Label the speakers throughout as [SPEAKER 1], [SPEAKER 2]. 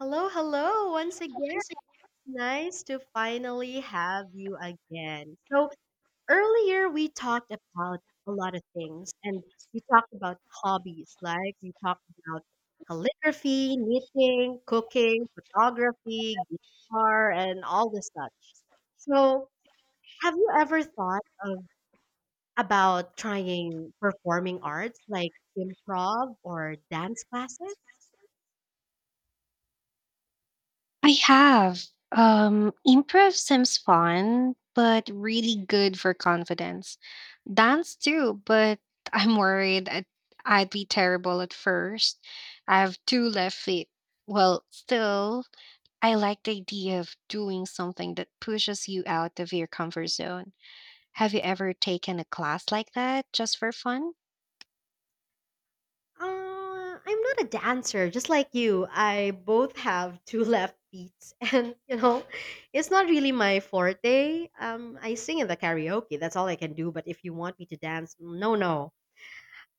[SPEAKER 1] Hello, hello once again.
[SPEAKER 2] Once it-
[SPEAKER 1] It's nice to finally have you again. So, earlier we talked about a lot of things and we talked about hobbies, like we talked about calligraphy, knitting, cooking, photography, guitar, and all the such. So, have you ever thought of about trying performing arts like improv or dance classes?
[SPEAKER 2] I have. Improv seems fun, but really good for confidence. Dance too, but I'm worried I'd, I'd be terrible at first. I have two left feet. Well, still I like the idea of doing something that pushes you out of your comfort zone. Have you ever taken a class like that just for fun?
[SPEAKER 1] Uh, I'm not a dancer, just like you. I both have two left feet, and it's not really my forte. I sing in the karaoke. That's all I can do. But if you want me to dance, no, no.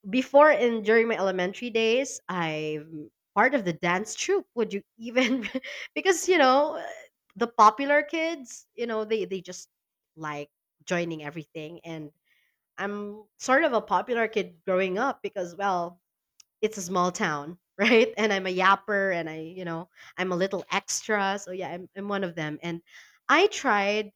[SPEAKER 1] Before and during my elementary days, I'm part of the dance troupe. Would you even? because you know, the popular kids, they just like joining everything and I'm sort of a popular kid growing up because, well, it's a small town, right? And I'm a yapper and I'm a little extra. So yeah, I'm one of them. And I tried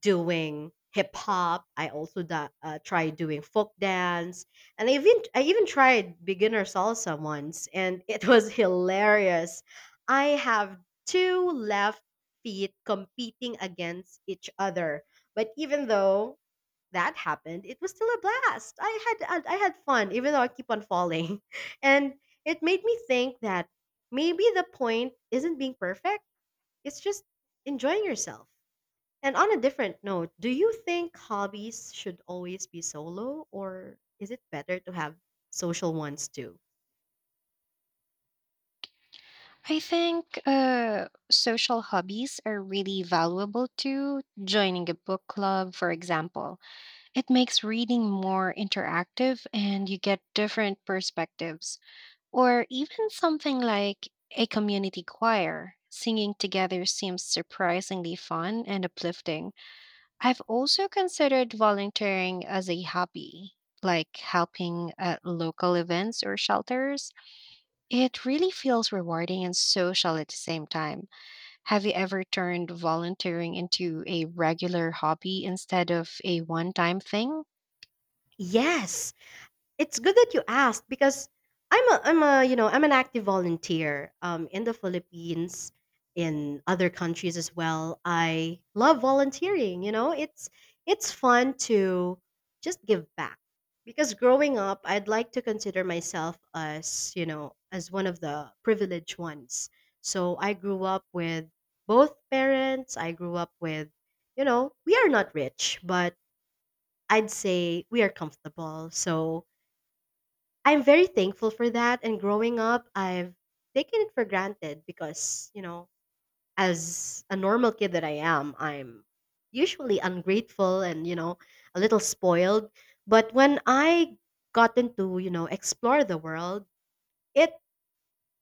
[SPEAKER 1] doing hip hop. I also tried doing folk dance. And I even tried beginner salsa once and it was hilarious. I have two left feet competing against each other. But even though that happened, it was still a blast. I had fun, even though I keep on falling, and it made me think that maybe the point isn't being perfect. It's just enjoying yourself. And on a different note, do you think hobbies should always be solo, or is it better to have social ones too?
[SPEAKER 2] I think social hobbies are really valuable too. Joining a book club, for example, it makes reading more interactive and you get different perspectives. Or even something like a community choir. Singing together seems surprisingly fun and uplifting. I've also considered volunteering as a hobby, like helping at local events or shelters. It really feels rewarding and social at the same time. Have you ever turned volunteering into a regular hobby instead of a one time thing?
[SPEAKER 1] Yes, it's good that you asked because I'm a I'm an active volunteer in the Philippines, in other countries as well. I love volunteering. You know, it's fun to just give back because growing up, I'd like to consider myself as as one of the privileged ones. So I grew up with both parents. I grew up with we are not rich, but I'd say we are comfortable. So I'm very thankful for that. And growing up, I've taken it for granted because, you know, as a normal kid that I am, I'm usually ungrateful and, you know, a little spoiled. But when I gotten to, you know, explore the world, it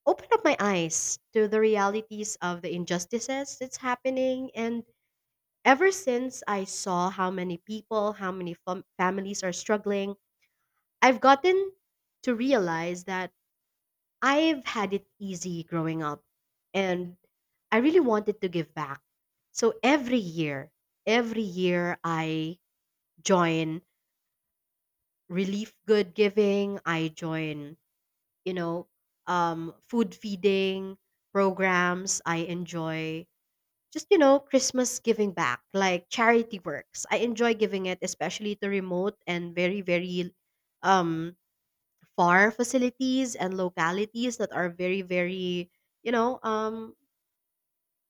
[SPEAKER 1] opened up my eyes to the realities of the injustices that's happening. And ever since I saw how many people, how many families are struggling, I've gotten to realize that I've had it easy growing up and I really wanted to give back. So every year I join relief good giving, I join, you know, food feeding programs. I enjoy just, you know, Christmas giving back, like charity works. I enjoy giving it, especially to remote and very, very um far facilities and localities that are very very you know um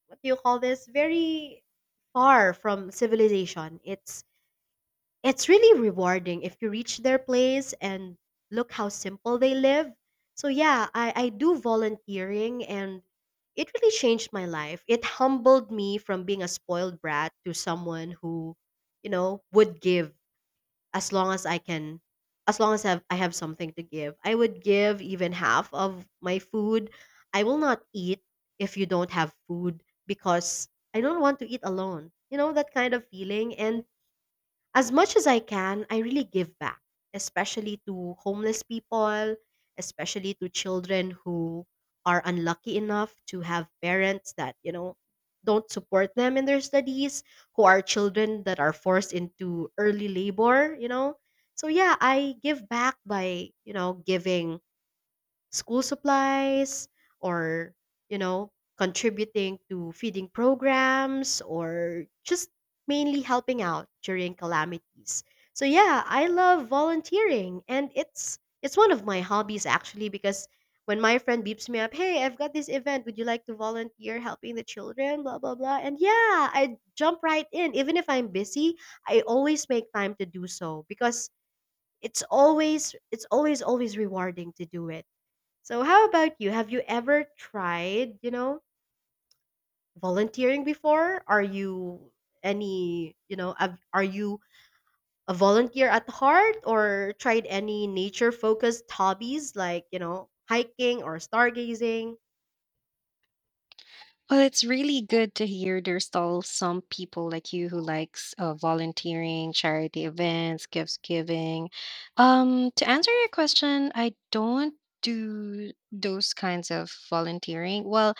[SPEAKER 1] what do you call this very far from civilization. It's it's really rewarding if you reach their place and look how simple they live. So yeah, I do volunteering and it really changed my life. It humbled me from being a spoiled brat to someone who, you know, would give as long as I can. As long as I have something to give. I would give even half of my food. I will not eat if you don't have food because I don't want to eat alone. You know that kind of feeling. And as much as I can, I really give back, especially to homeless people, especially to children who are unlucky enough to have parents that, you know, don't support them in their studies, who are children that are forced into early labor, you know. So yeah, I give back by, you know, giving school supplies or, you know, contributing to feeding programs or just mainly helping out during calamities. So yeah, I love volunteering and it's one of my hobbies actually because when my friend beeps me up, hey, I've got this event, would you like to volunteer helping the children, blah blah blah, and yeah, I jump right in even if I'm busy. I always make time to do so because it's always always rewarding to do it. So how about you? Have you ever tried, you know, volunteering before? Are you any, you know, are you a volunteer at heart or tried any nature focused hobbies like, you know, hiking or stargazing?
[SPEAKER 2] Well, it's really good to hear there's still some people like you who likes volunteering, charity events, gifts giving. To answer your question, I don't do those kinds of volunteering. Well,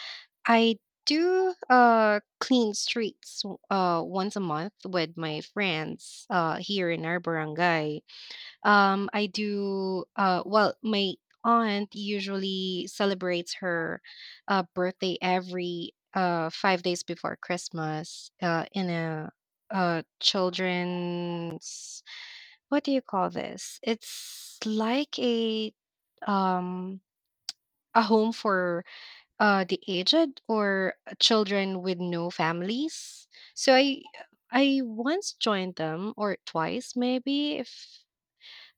[SPEAKER 2] I do clean streets once a month with my friends here in our barangay. I do, well, my aunt usually celebrates her birthday every 5 days before Christmas in a, children's, what do you call this? It's like um, a home for the aged or children with no families. So I once joined them or twice maybe if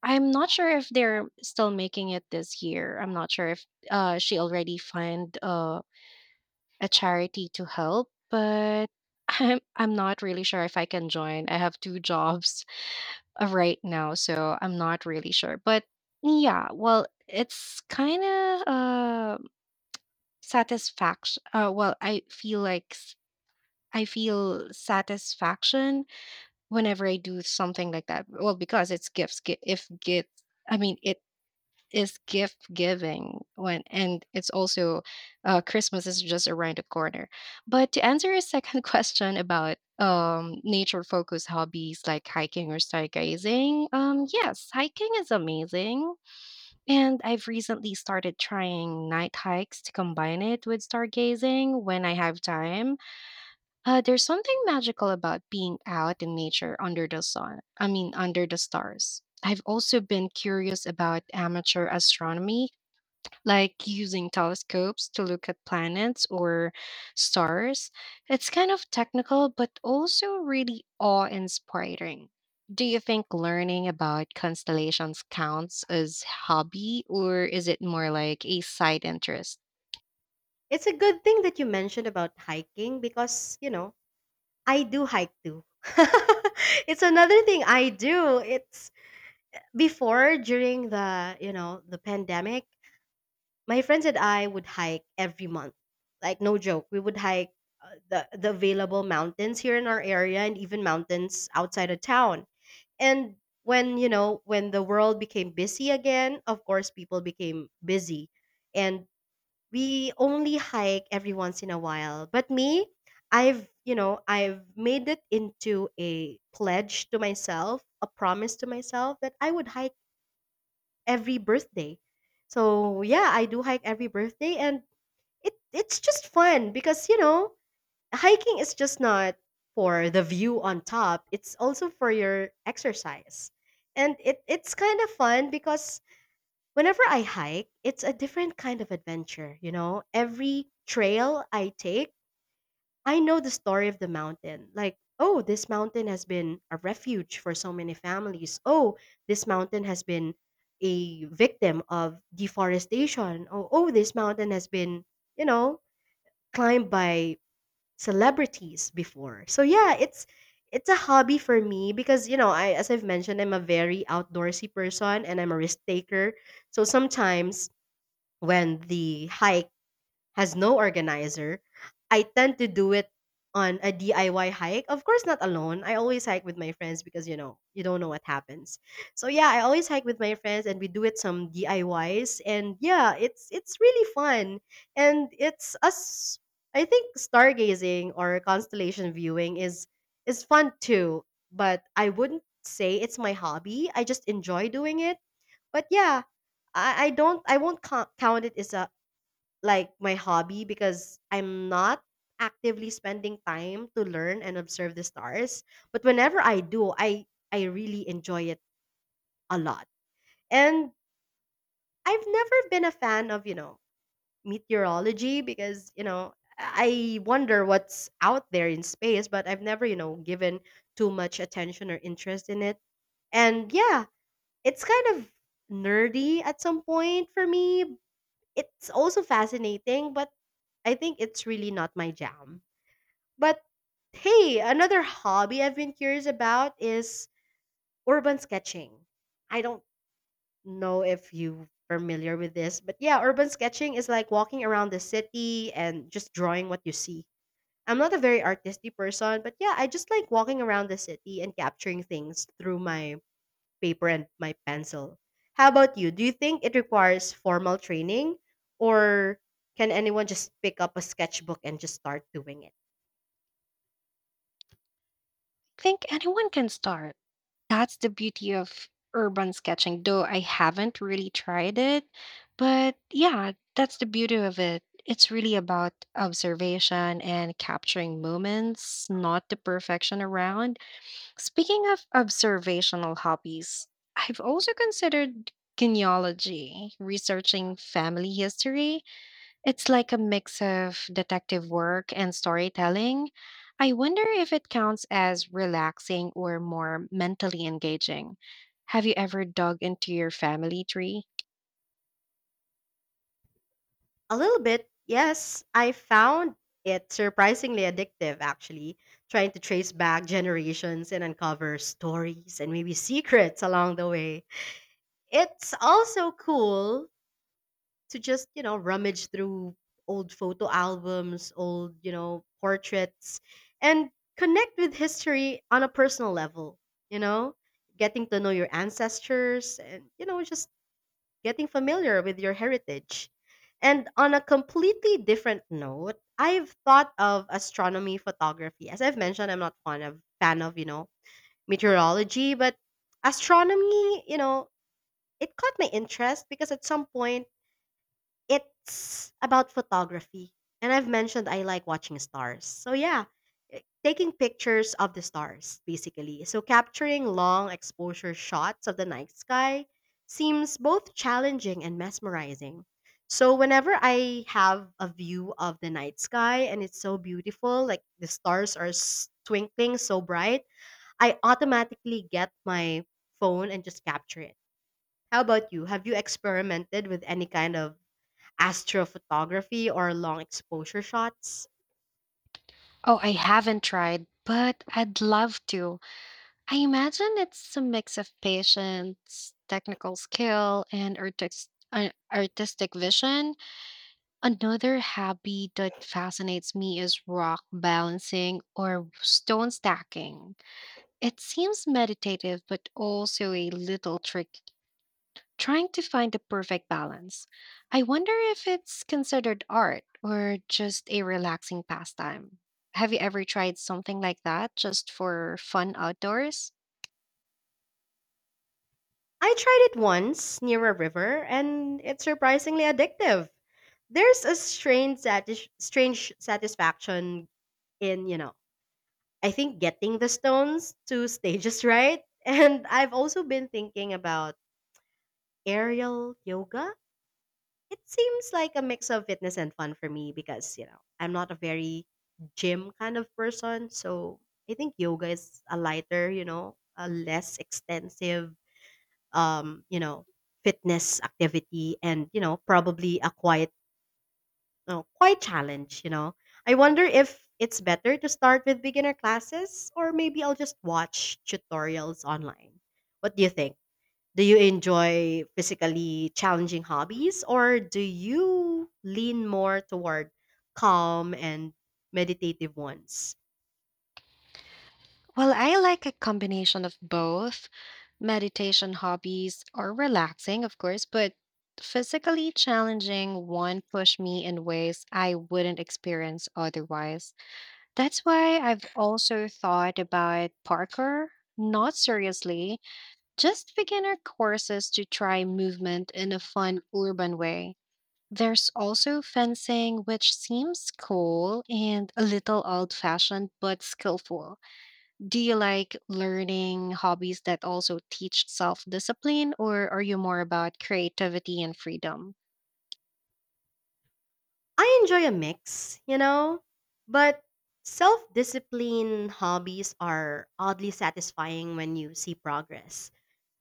[SPEAKER 2] I'm not sure if they're still making it this year. I'm not sure if she already find a charity to help, but I'm not really sure if I can join. I have two jobs right now, so I'm not really sure. But yeah, well, it's kind of satisfaction. Well, I feel satisfaction whenever I do something like that. Well, because it's If gifts, I mean, it is gift giving when and it's also Christmas is just around the corner. But to answer your second question about nature focused hobbies like hiking or stargazing, yes, hiking is amazing, and I've recently started trying night hikes to combine it with stargazing when I have time. There's something magical about being out in nature under the stars. I've also been curious about amateur astronomy, like using telescopes to look at planets or stars. It's kind of technical, but also really awe inspiring. Do you think learning about constellations counts as hobby or is it more like a side interest?
[SPEAKER 1] It's a good thing that you mentioned about hiking because, you know, I do hike too. It's another thing I do. It's before during the, you know, the pandemic. My friends and I would hike every month. Like no joke, we would hike the available mountains here in our area and even mountains outside of town. And when, you know, when the world became busy again, of course people became busy. And we only hike every once in a while. But me, I've, you know, I've made it into a pledge to myself, a promise to myself that I would hike every birthday. So yeah, I do hike every birthday and it's just fun because, you know, hiking is just not for the view on top, it's also for your exercise. And it's kind of fun because whenever I hike, it's a different kind of adventure. You know, every trail I take, I know the story of the mountain, like, oh, this mountain has been a refuge for so many families. Oh, this mountain has been a victim of deforestation. Oh, this mountain has been, you know, climbed by celebrities before. So yeah, it's a hobby for me because, you know, I, as I've mentioned, I'm a very outdoorsy person and I'm a risk taker. So sometimes when the hike has no organizer, I tend to do it on a DIY hike. Of course, not alone. I always hike with my friends because, you know, you don't know what happens. So yeah, I always hike with my friends and we do it some DIYs and yeah, it's really fun and it's us. I think stargazing or constellation viewing is fun too, but I wouldn't say it's my hobby. I just enjoy doing it. But yeah, I don't, I won't count it as a like my hobby because I'm not actively spending time to learn and observe the stars. But whenever I do, I really enjoy it a lot. And I've never been a fan of, you know, meteorology because, you know, I wonder what's out there in space, but I've never, you know, given too much attention or interest in it. And yeah, it's kind of nerdy at some point for me. It's also fascinating, but I think it's really not my jam. But hey, another hobby I've been curious about is urban sketching. I don't know if you familiar with this, but yeah, urban sketching is like walking around the city and just drawing what you see. I'm not a very artistic person, but yeah, I just like walking around the city and capturing things through my paper and my pencil. How about you? Do you think it requires formal training or can anyone just pick up a sketchbook and just start doing it?
[SPEAKER 2] I think anyone can start. That's the beauty of urban sketching, though I haven't really tried it. But yeah, that's the beauty of it. It's really about observation and capturing moments, not the perfection around. Speaking of observational hobbies, I've also considered genealogy, researching family history. It's like a mix of detective work and storytelling. I wonder if it counts as relaxing or more mentally engaging. Have you ever dug into your family tree?
[SPEAKER 1] A little bit, yes. I found it surprisingly addictive, actually, trying to trace back generations and uncover stories and maybe secrets along the way. It's also cool to just, you know, rummage through old photo albums, old, you know, portraits, and connect with history on a personal level, you know, getting to know your ancestors and, you know, just getting familiar with your heritage. And on a completely different note, I've thought of astronomy photography. As I've mentioned, I'm not fond of fan of, you know, meteorology, but astronomy, you know, it caught my interest because at some point it's about photography. And I've mentioned I like watching stars. So yeah, taking pictures of the stars basically. So capturing long exposure shots of the night sky seems both challenging and mesmerizing. So whenever I have a view of the night sky and it's so beautiful, like the stars are twinkling so bright, I automatically get my phone and just capture it. How about you? Have you experimented with any kind of astrophotography or long exposure shots?
[SPEAKER 2] Oh, I haven't tried, but I'd love to. I imagine it's a mix of patience, technical skill, and artistic vision. Another hobby that fascinates me is rock balancing or stone stacking. It seems meditative, but also a little tricky, trying to find the perfect balance. I wonder if it's considered art or just a relaxing pastime. Have you ever tried something like that just for fun outdoors?
[SPEAKER 1] I tried it once near a river and it's surprisingly addictive. There's a strange satisfaction in, you know, I think getting the stones to stages right. And I've also been thinking about aerial yoga. It seems like a mix of fitness and fun for me because, you know, I'm not a very gym kind of person. So I think yoga is a lighter, you know, a less extensive, you know, fitness activity and, you know, probably a quite, quite challenge, you know. I wonder if it's better to start with beginner classes, or maybe I'll just watch tutorials online. What do you think? Do you enjoy physically challenging hobbies, or do you lean more toward calm and meditative ones?
[SPEAKER 2] Well, I like a combination of both. Meditation hobbies are relaxing, of course, but physically challenging one push me in ways I wouldn't experience otherwise. That's why I've also thought about Parker, not seriously, just beginner courses to try movement in a fun urban way. There's also fencing, which seems cool and a little old fashioned but skillful. Do you like learning hobbies that also teach self discipline, or are you more about creativity and freedom?
[SPEAKER 1] I enjoy a mix, you know, but self discipline hobbies are oddly satisfying when you see progress.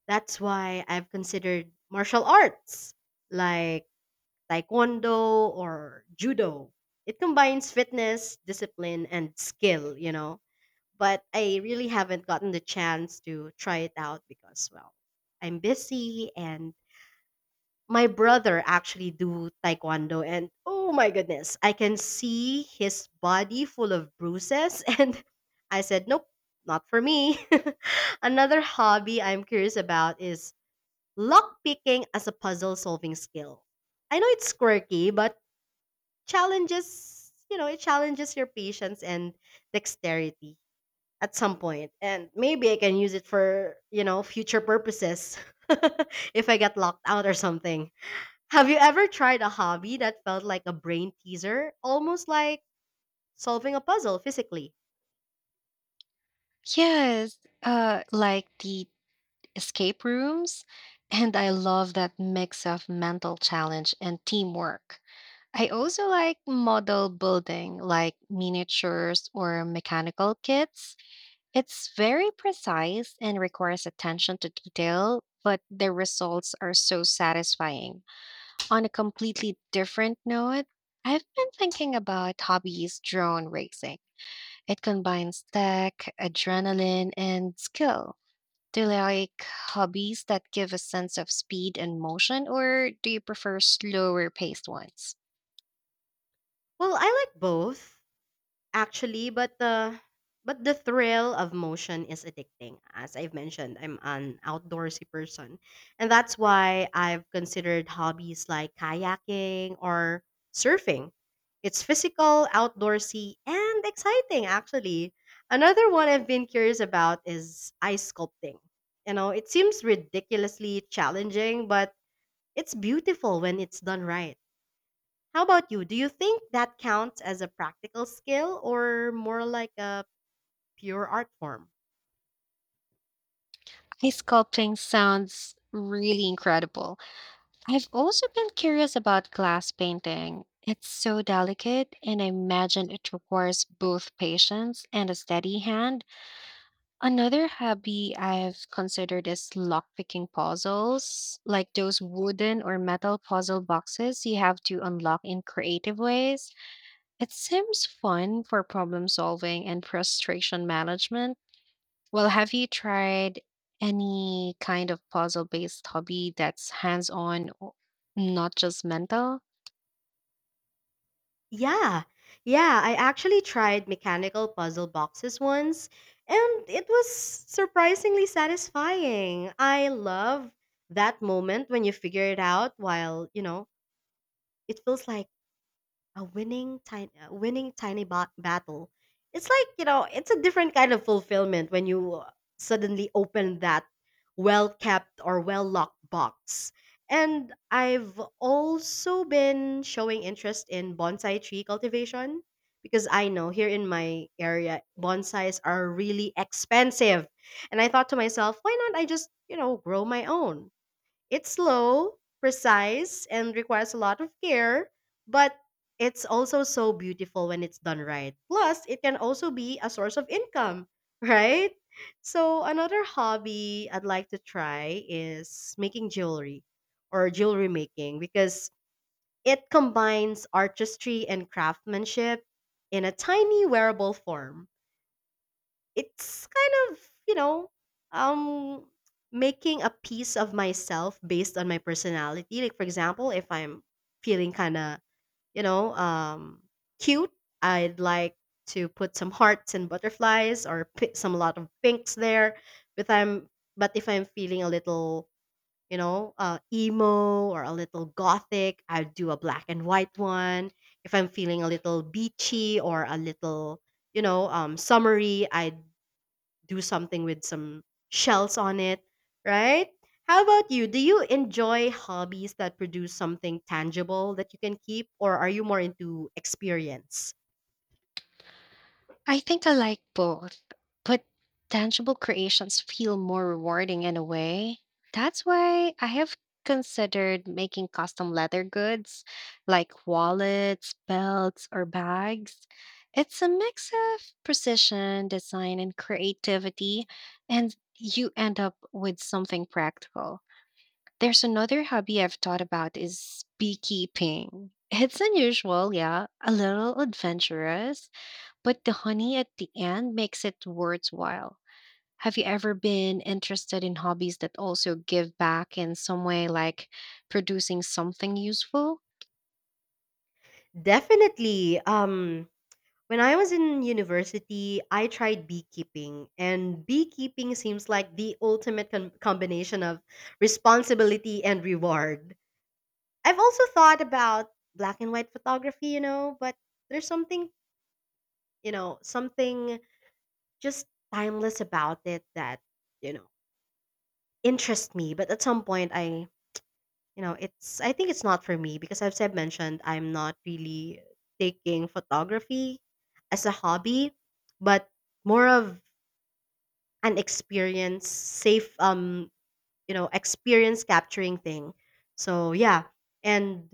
[SPEAKER 1] That's why I've considered martial arts like taekwondo or judo. It combines fitness, discipline, and skill, but I really haven't gotten the chance to try it out because, well, I'm busy, and my brother actually do taekwondo, and oh my goodness, I can see his body full of bruises and I said nope, not for me. Another hobby I'm curious about is lock picking as a puzzle solving skill. I know it's quirky, but challenges, you know, it challenges your patience and dexterity at some point. And maybe I can use it for, future purposes if I get locked out or something. Have you ever tried a hobby that felt like a brain teaser, almost like solving a puzzle physically?
[SPEAKER 2] Yes, like the escape rooms, and I love that mix of mental challenge and teamwork. I also like model building, like miniatures or mechanical kits. It's very precise and requires attention to detail, but the results are so satisfying. On a completely different note, I've been thinking about hobbies drone racing. It combines tech, adrenaline, and skill. Do you like hobbies that give a sense of speed and motion, or do you prefer slower paced ones?
[SPEAKER 1] Well, I like both actually, but the thrill of motion is addicting. As I've mentioned, I'm an outdoorsy person, and that's why I've considered hobbies like kayaking or surfing. It's physical, outdoorsy, and exciting actually. Another one I've been curious about is ice sculpting. You know, it seems ridiculously challenging, but it's beautiful when it's done right. How about you? Do you think that counts as a practical skill or more like a pure art form?
[SPEAKER 2] Ice sculpting sounds really incredible. I've also been curious about glass painting. It's so delicate, and I imagine it requires both patience and a steady hand. Another hobby I've considered is lockpicking puzzles, like those wooden or metal puzzle boxes you have to unlock in creative ways. It seems fun for problem solving and frustration management. Well, have you tried any kind of puzzle based hobby that's hands on, not just mental?
[SPEAKER 1] Yeah, yeah, I actually tried mechanical puzzle boxes once, and it was surprisingly satisfying. I love that moment when you figure it out while, you know, it feels like a winning tiny battle. It's like, you know, it's a different kind of fulfillment when you, suddenly open that well kept or well locked box. And I've also been showing interest in bonsai tree cultivation because I know here in my area bonsais are really expensive, and I thought to myself, why not? I just, you know, grow my own. It's slow, precise, and requires a lot of care, but it's also so beautiful when it's done right. Plus, it can also be a source of income, right? So, another hobby I'd like to try is making jewelry or jewelry making, because it combines artistry and craftsmanship in a tiny wearable form. It's kind of, you know um making a piece of myself based on my personality. Like for example, if I'm feeling kind of, you know um cute, I'd like to put some hearts and butterflies, or pi some lot of pinks there. But i'm but if I'm feeling a little, emo or a little gothic, I'd do a black and white one. If I'm feeling a little beachy or a little, summery, I do something with some shells on it, right? How about you? Do you enjoy hobbies that produce something tangible that you can keep, or are you more into experience?
[SPEAKER 2] I think I like both, but tangible creations feel more rewarding in a way. That's why I have considered making custom leather goods like wallets, belts, or bags. It's a mix of precision, design, and creativity, and you end up with something practical. There's another hobby I've thought about is beekeeping. It's unusual, yeah, a little adventurous, but the honey at the end makes it worthwhile. Have you ever been interested in hobbies that also give back in some way, like producing something useful?
[SPEAKER 1] Definitely. When I was in university, I tried beekeeping, and beekeeping seems like the ultimate combination of responsibility and reward. I've also thought about black and white photography, you know, but there's something, you know, something just timeless about it that, you know, interests me. But at some point, I you know, it's I think it's not for me because, as I've mentioned, I'm not really taking photography as a hobby, but more of an experience, safe you know, experience capturing thing. So yeah. And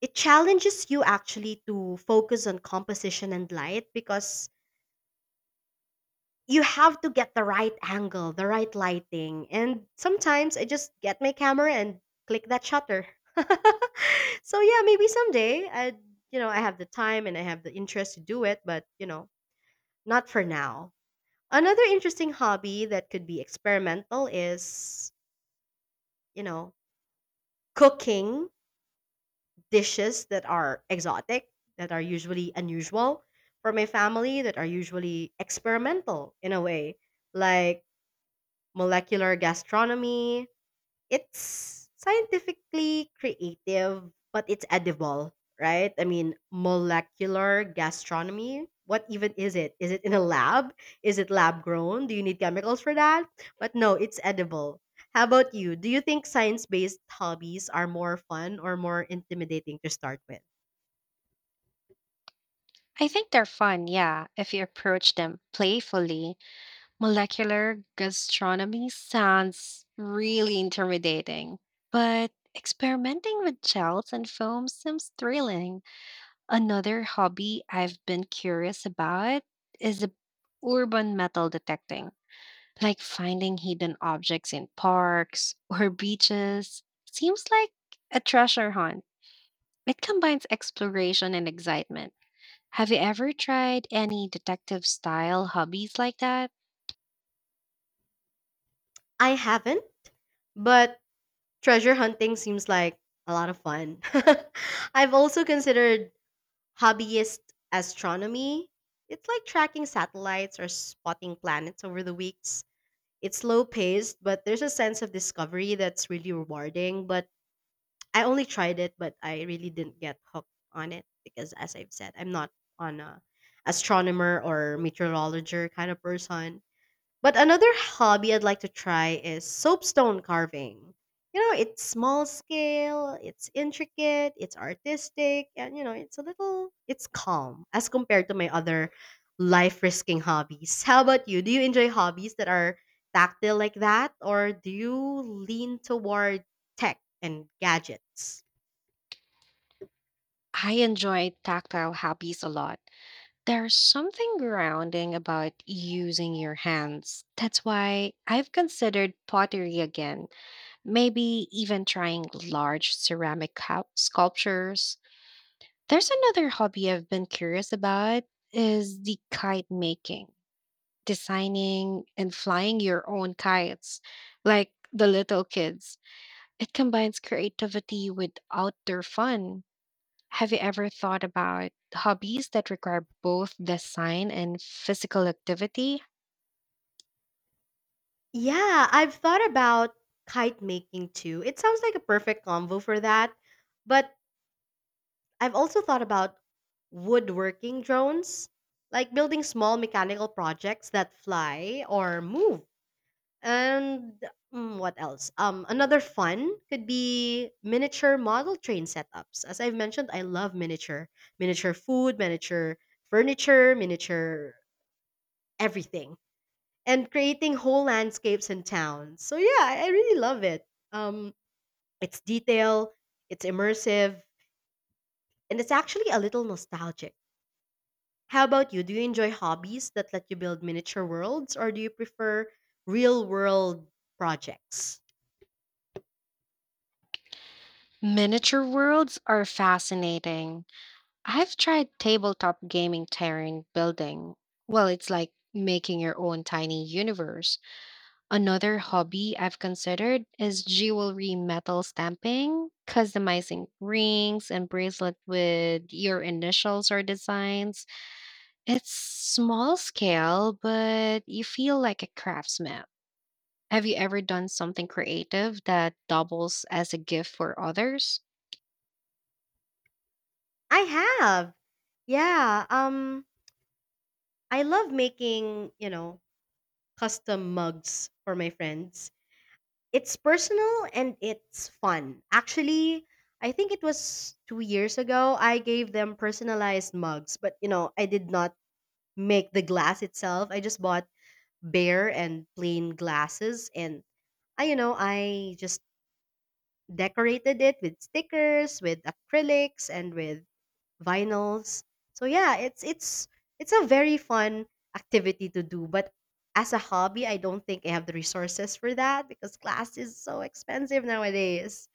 [SPEAKER 1] it challenges you actually to focus on composition and light, because you have to get the right angle, the right lighting. And sometimes I just get my camera and click that shutter. So yeah, maybe someday I you know, I have the time and I have the interest to do it, but you know, not for now. Another interesting hobby that could be experimental is, you know, cooking dishes that are exotic, that are usually unusual for my family, that are usually experimental in a way. Like molecular gastronomy. It's scientifically creative, but it's edible, right? I mean, molecular gastronomy. What even is it? Is it in a lab? Is it lab grown? Do you need chemicals for that? But no, it's edible. How about you? Do you think science based hobbies are more fun or more intimidating to start with?
[SPEAKER 2] I think they're fun, yeah, if you approach them playfully. Molecular gastronomy sounds really intimidating, but experimenting with gels and foams seems thrilling. Another hobby I've been curious about is the urban metal detecting, like finding hidden objects in parks or beaches seems like a treasure hunt. It combines exploration and excitement. Have you ever tried any detective style hobbies like that?
[SPEAKER 1] I haven't, but treasure hunting seems like a lot of fun. I've also considered hobbyist astronomy. It's like tracking satellites or spotting planets over the weeks. It's slow paced, but there's a sense of discovery that's really rewarding. But I only tried it. But I really didn't get hooked on it because, as I've said, I'm not on a astronomer or meteorologist kind of person. But another hobby I'd like to try is soapstone carving. You know, it's small scale, it's intricate, it's artistic, and you know, it's a little it's calm as compared to my other life risking hobbies. How about you? Do you enjoy hobbies that are tactile like that, or do you lean toward tech and gadgets?
[SPEAKER 2] I enjoy tactile hobbies a lot. There's something grounding about using your hands. That's why I've considered pottery again, maybe even trying large sculptures. There's another hobby I've been curious about is the kite making, designing and flying your own kites, like the little kids. It combines creativity with outdoor fun. Have you ever thought about hobbies that require both design and physical activity?
[SPEAKER 1] Yeah, I've thought about kite making too. It sounds like a perfect combo for that. But I've also thought about woodworking drones, like building small mechanical projects that fly or move. And, what else? Another fun could be miniature model train setups. As I've mentioned, I love miniature, miniature food, miniature furniture, miniature everything, and creating whole landscapes and towns. So yeah, I really love it. Um, it's detail, it's immersive, and it's actually a little nostalgic. How about you? Do you enjoy hobbies that let you build miniature worlds, or do you prefer real world projects?
[SPEAKER 2] Miniature worlds are fascinating. I've tried tabletop gaming terrain building. Well, it's like making your own tiny universe. Another hobby I've considered is jewelry metal stamping, customizing rings and bracelet with your initials or designs. It's small scale, but you feel like a craftsman. Have you ever done something creative that doubles as a gift for others?
[SPEAKER 1] I have. Yeah, I love making, you know, custom mugs for my friends. It's personal and it's fun. Actually, I think it was 2 years ago I gave them personalized mugs, but you know, I did not make the glass itself. I just bought bare and plain glasses, and I you know, I just decorated it with stickers, with acrylics, and with vinyls. So yeah, it's a very fun activity to do, but as a hobby, I don't think I have the resources for that because glass is so expensive nowadays.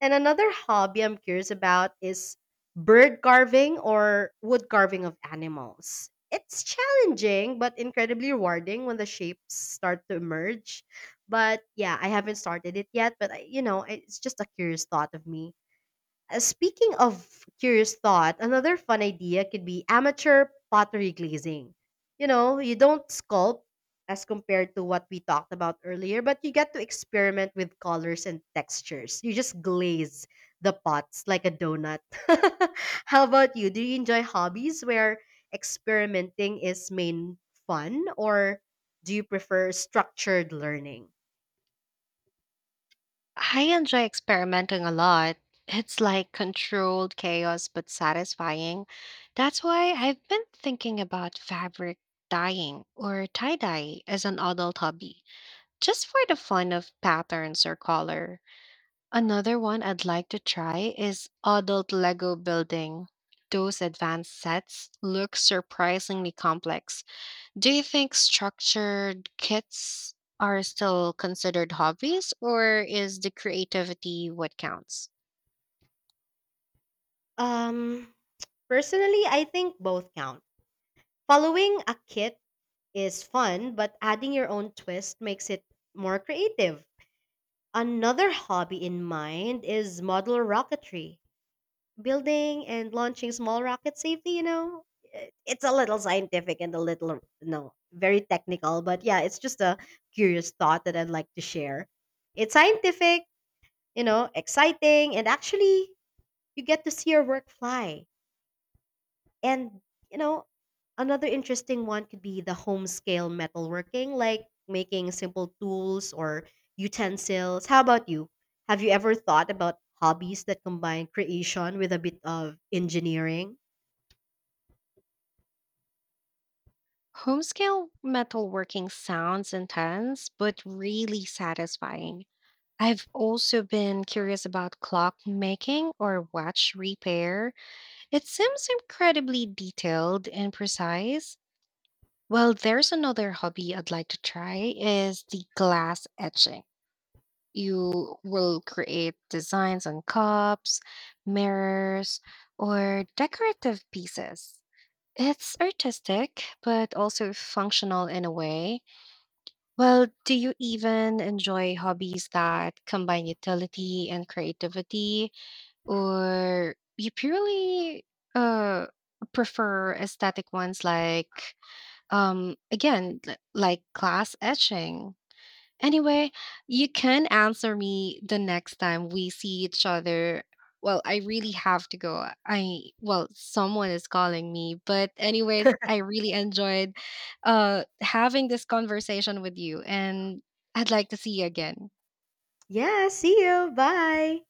[SPEAKER 1] And another hobby I'm curious about is bird carving or wood carving of animals. It's challenging but incredibly rewarding when the shapes start to emerge. But yeah, I haven't started it yet, but I, you know, it's just a curious thought of me. Speaking of curious thought, another fun idea could be amateur pottery glazing. You know, you don't sculpt as compared to what we talked about earlier, but you get to experiment with colors and textures. You just glaze the pots like a donut. How about you? Do you enjoy hobbies where experimenting is main fun, or do you prefer structured learning?
[SPEAKER 2] I enjoy experimenting a lot. It's like controlled chaos but satisfying. That's why I've been thinking about fabric dyeing or tie dye as an adult hobby, just for the fun of patterns or color. Another one I'd like to try is adult Lego building. Those advanced sets look surprisingly complex. Do you think structured kits are still considered hobbies, or is the creativity what counts?
[SPEAKER 1] Um, Personally, I think both count. Following a kit is fun, but adding your own twist makes it more creative. Another hobby in mind is model rocketry. Building and launching small rockets safely, you know, it's a little scientific and a little, no, very technical, but yeah, it's just a curious thought that I'd like to share. It's scientific, you know, exciting, and actually, you get to see your work fly. And you know, another interesting one could be the home scale metalworking, like making simple tools or utensils. How about you? Have you ever thought about hobbies that combine creation with a bit of engineering?
[SPEAKER 2] Homescale metalworking sounds intense, but really satisfying. I've also been curious about clock making or watch repair. It seems incredibly detailed and precise. Well, there's another hobby I'd like to try is the glass etching. You will create designs on cups, mirrors, or decorative pieces. It's artistic, but also functional in a way. Well, do you even enjoy hobbies that combine utility and creativity, or you purely uh, prefer aesthetic ones like, again, like glass etching? Anyway, you can answer me the next time we see each other. Well, I really have to go. Someone is calling me, but anyways, I really enjoyed having this conversation with you and I'd like to see you again.
[SPEAKER 1] Yeah, see you. Bye.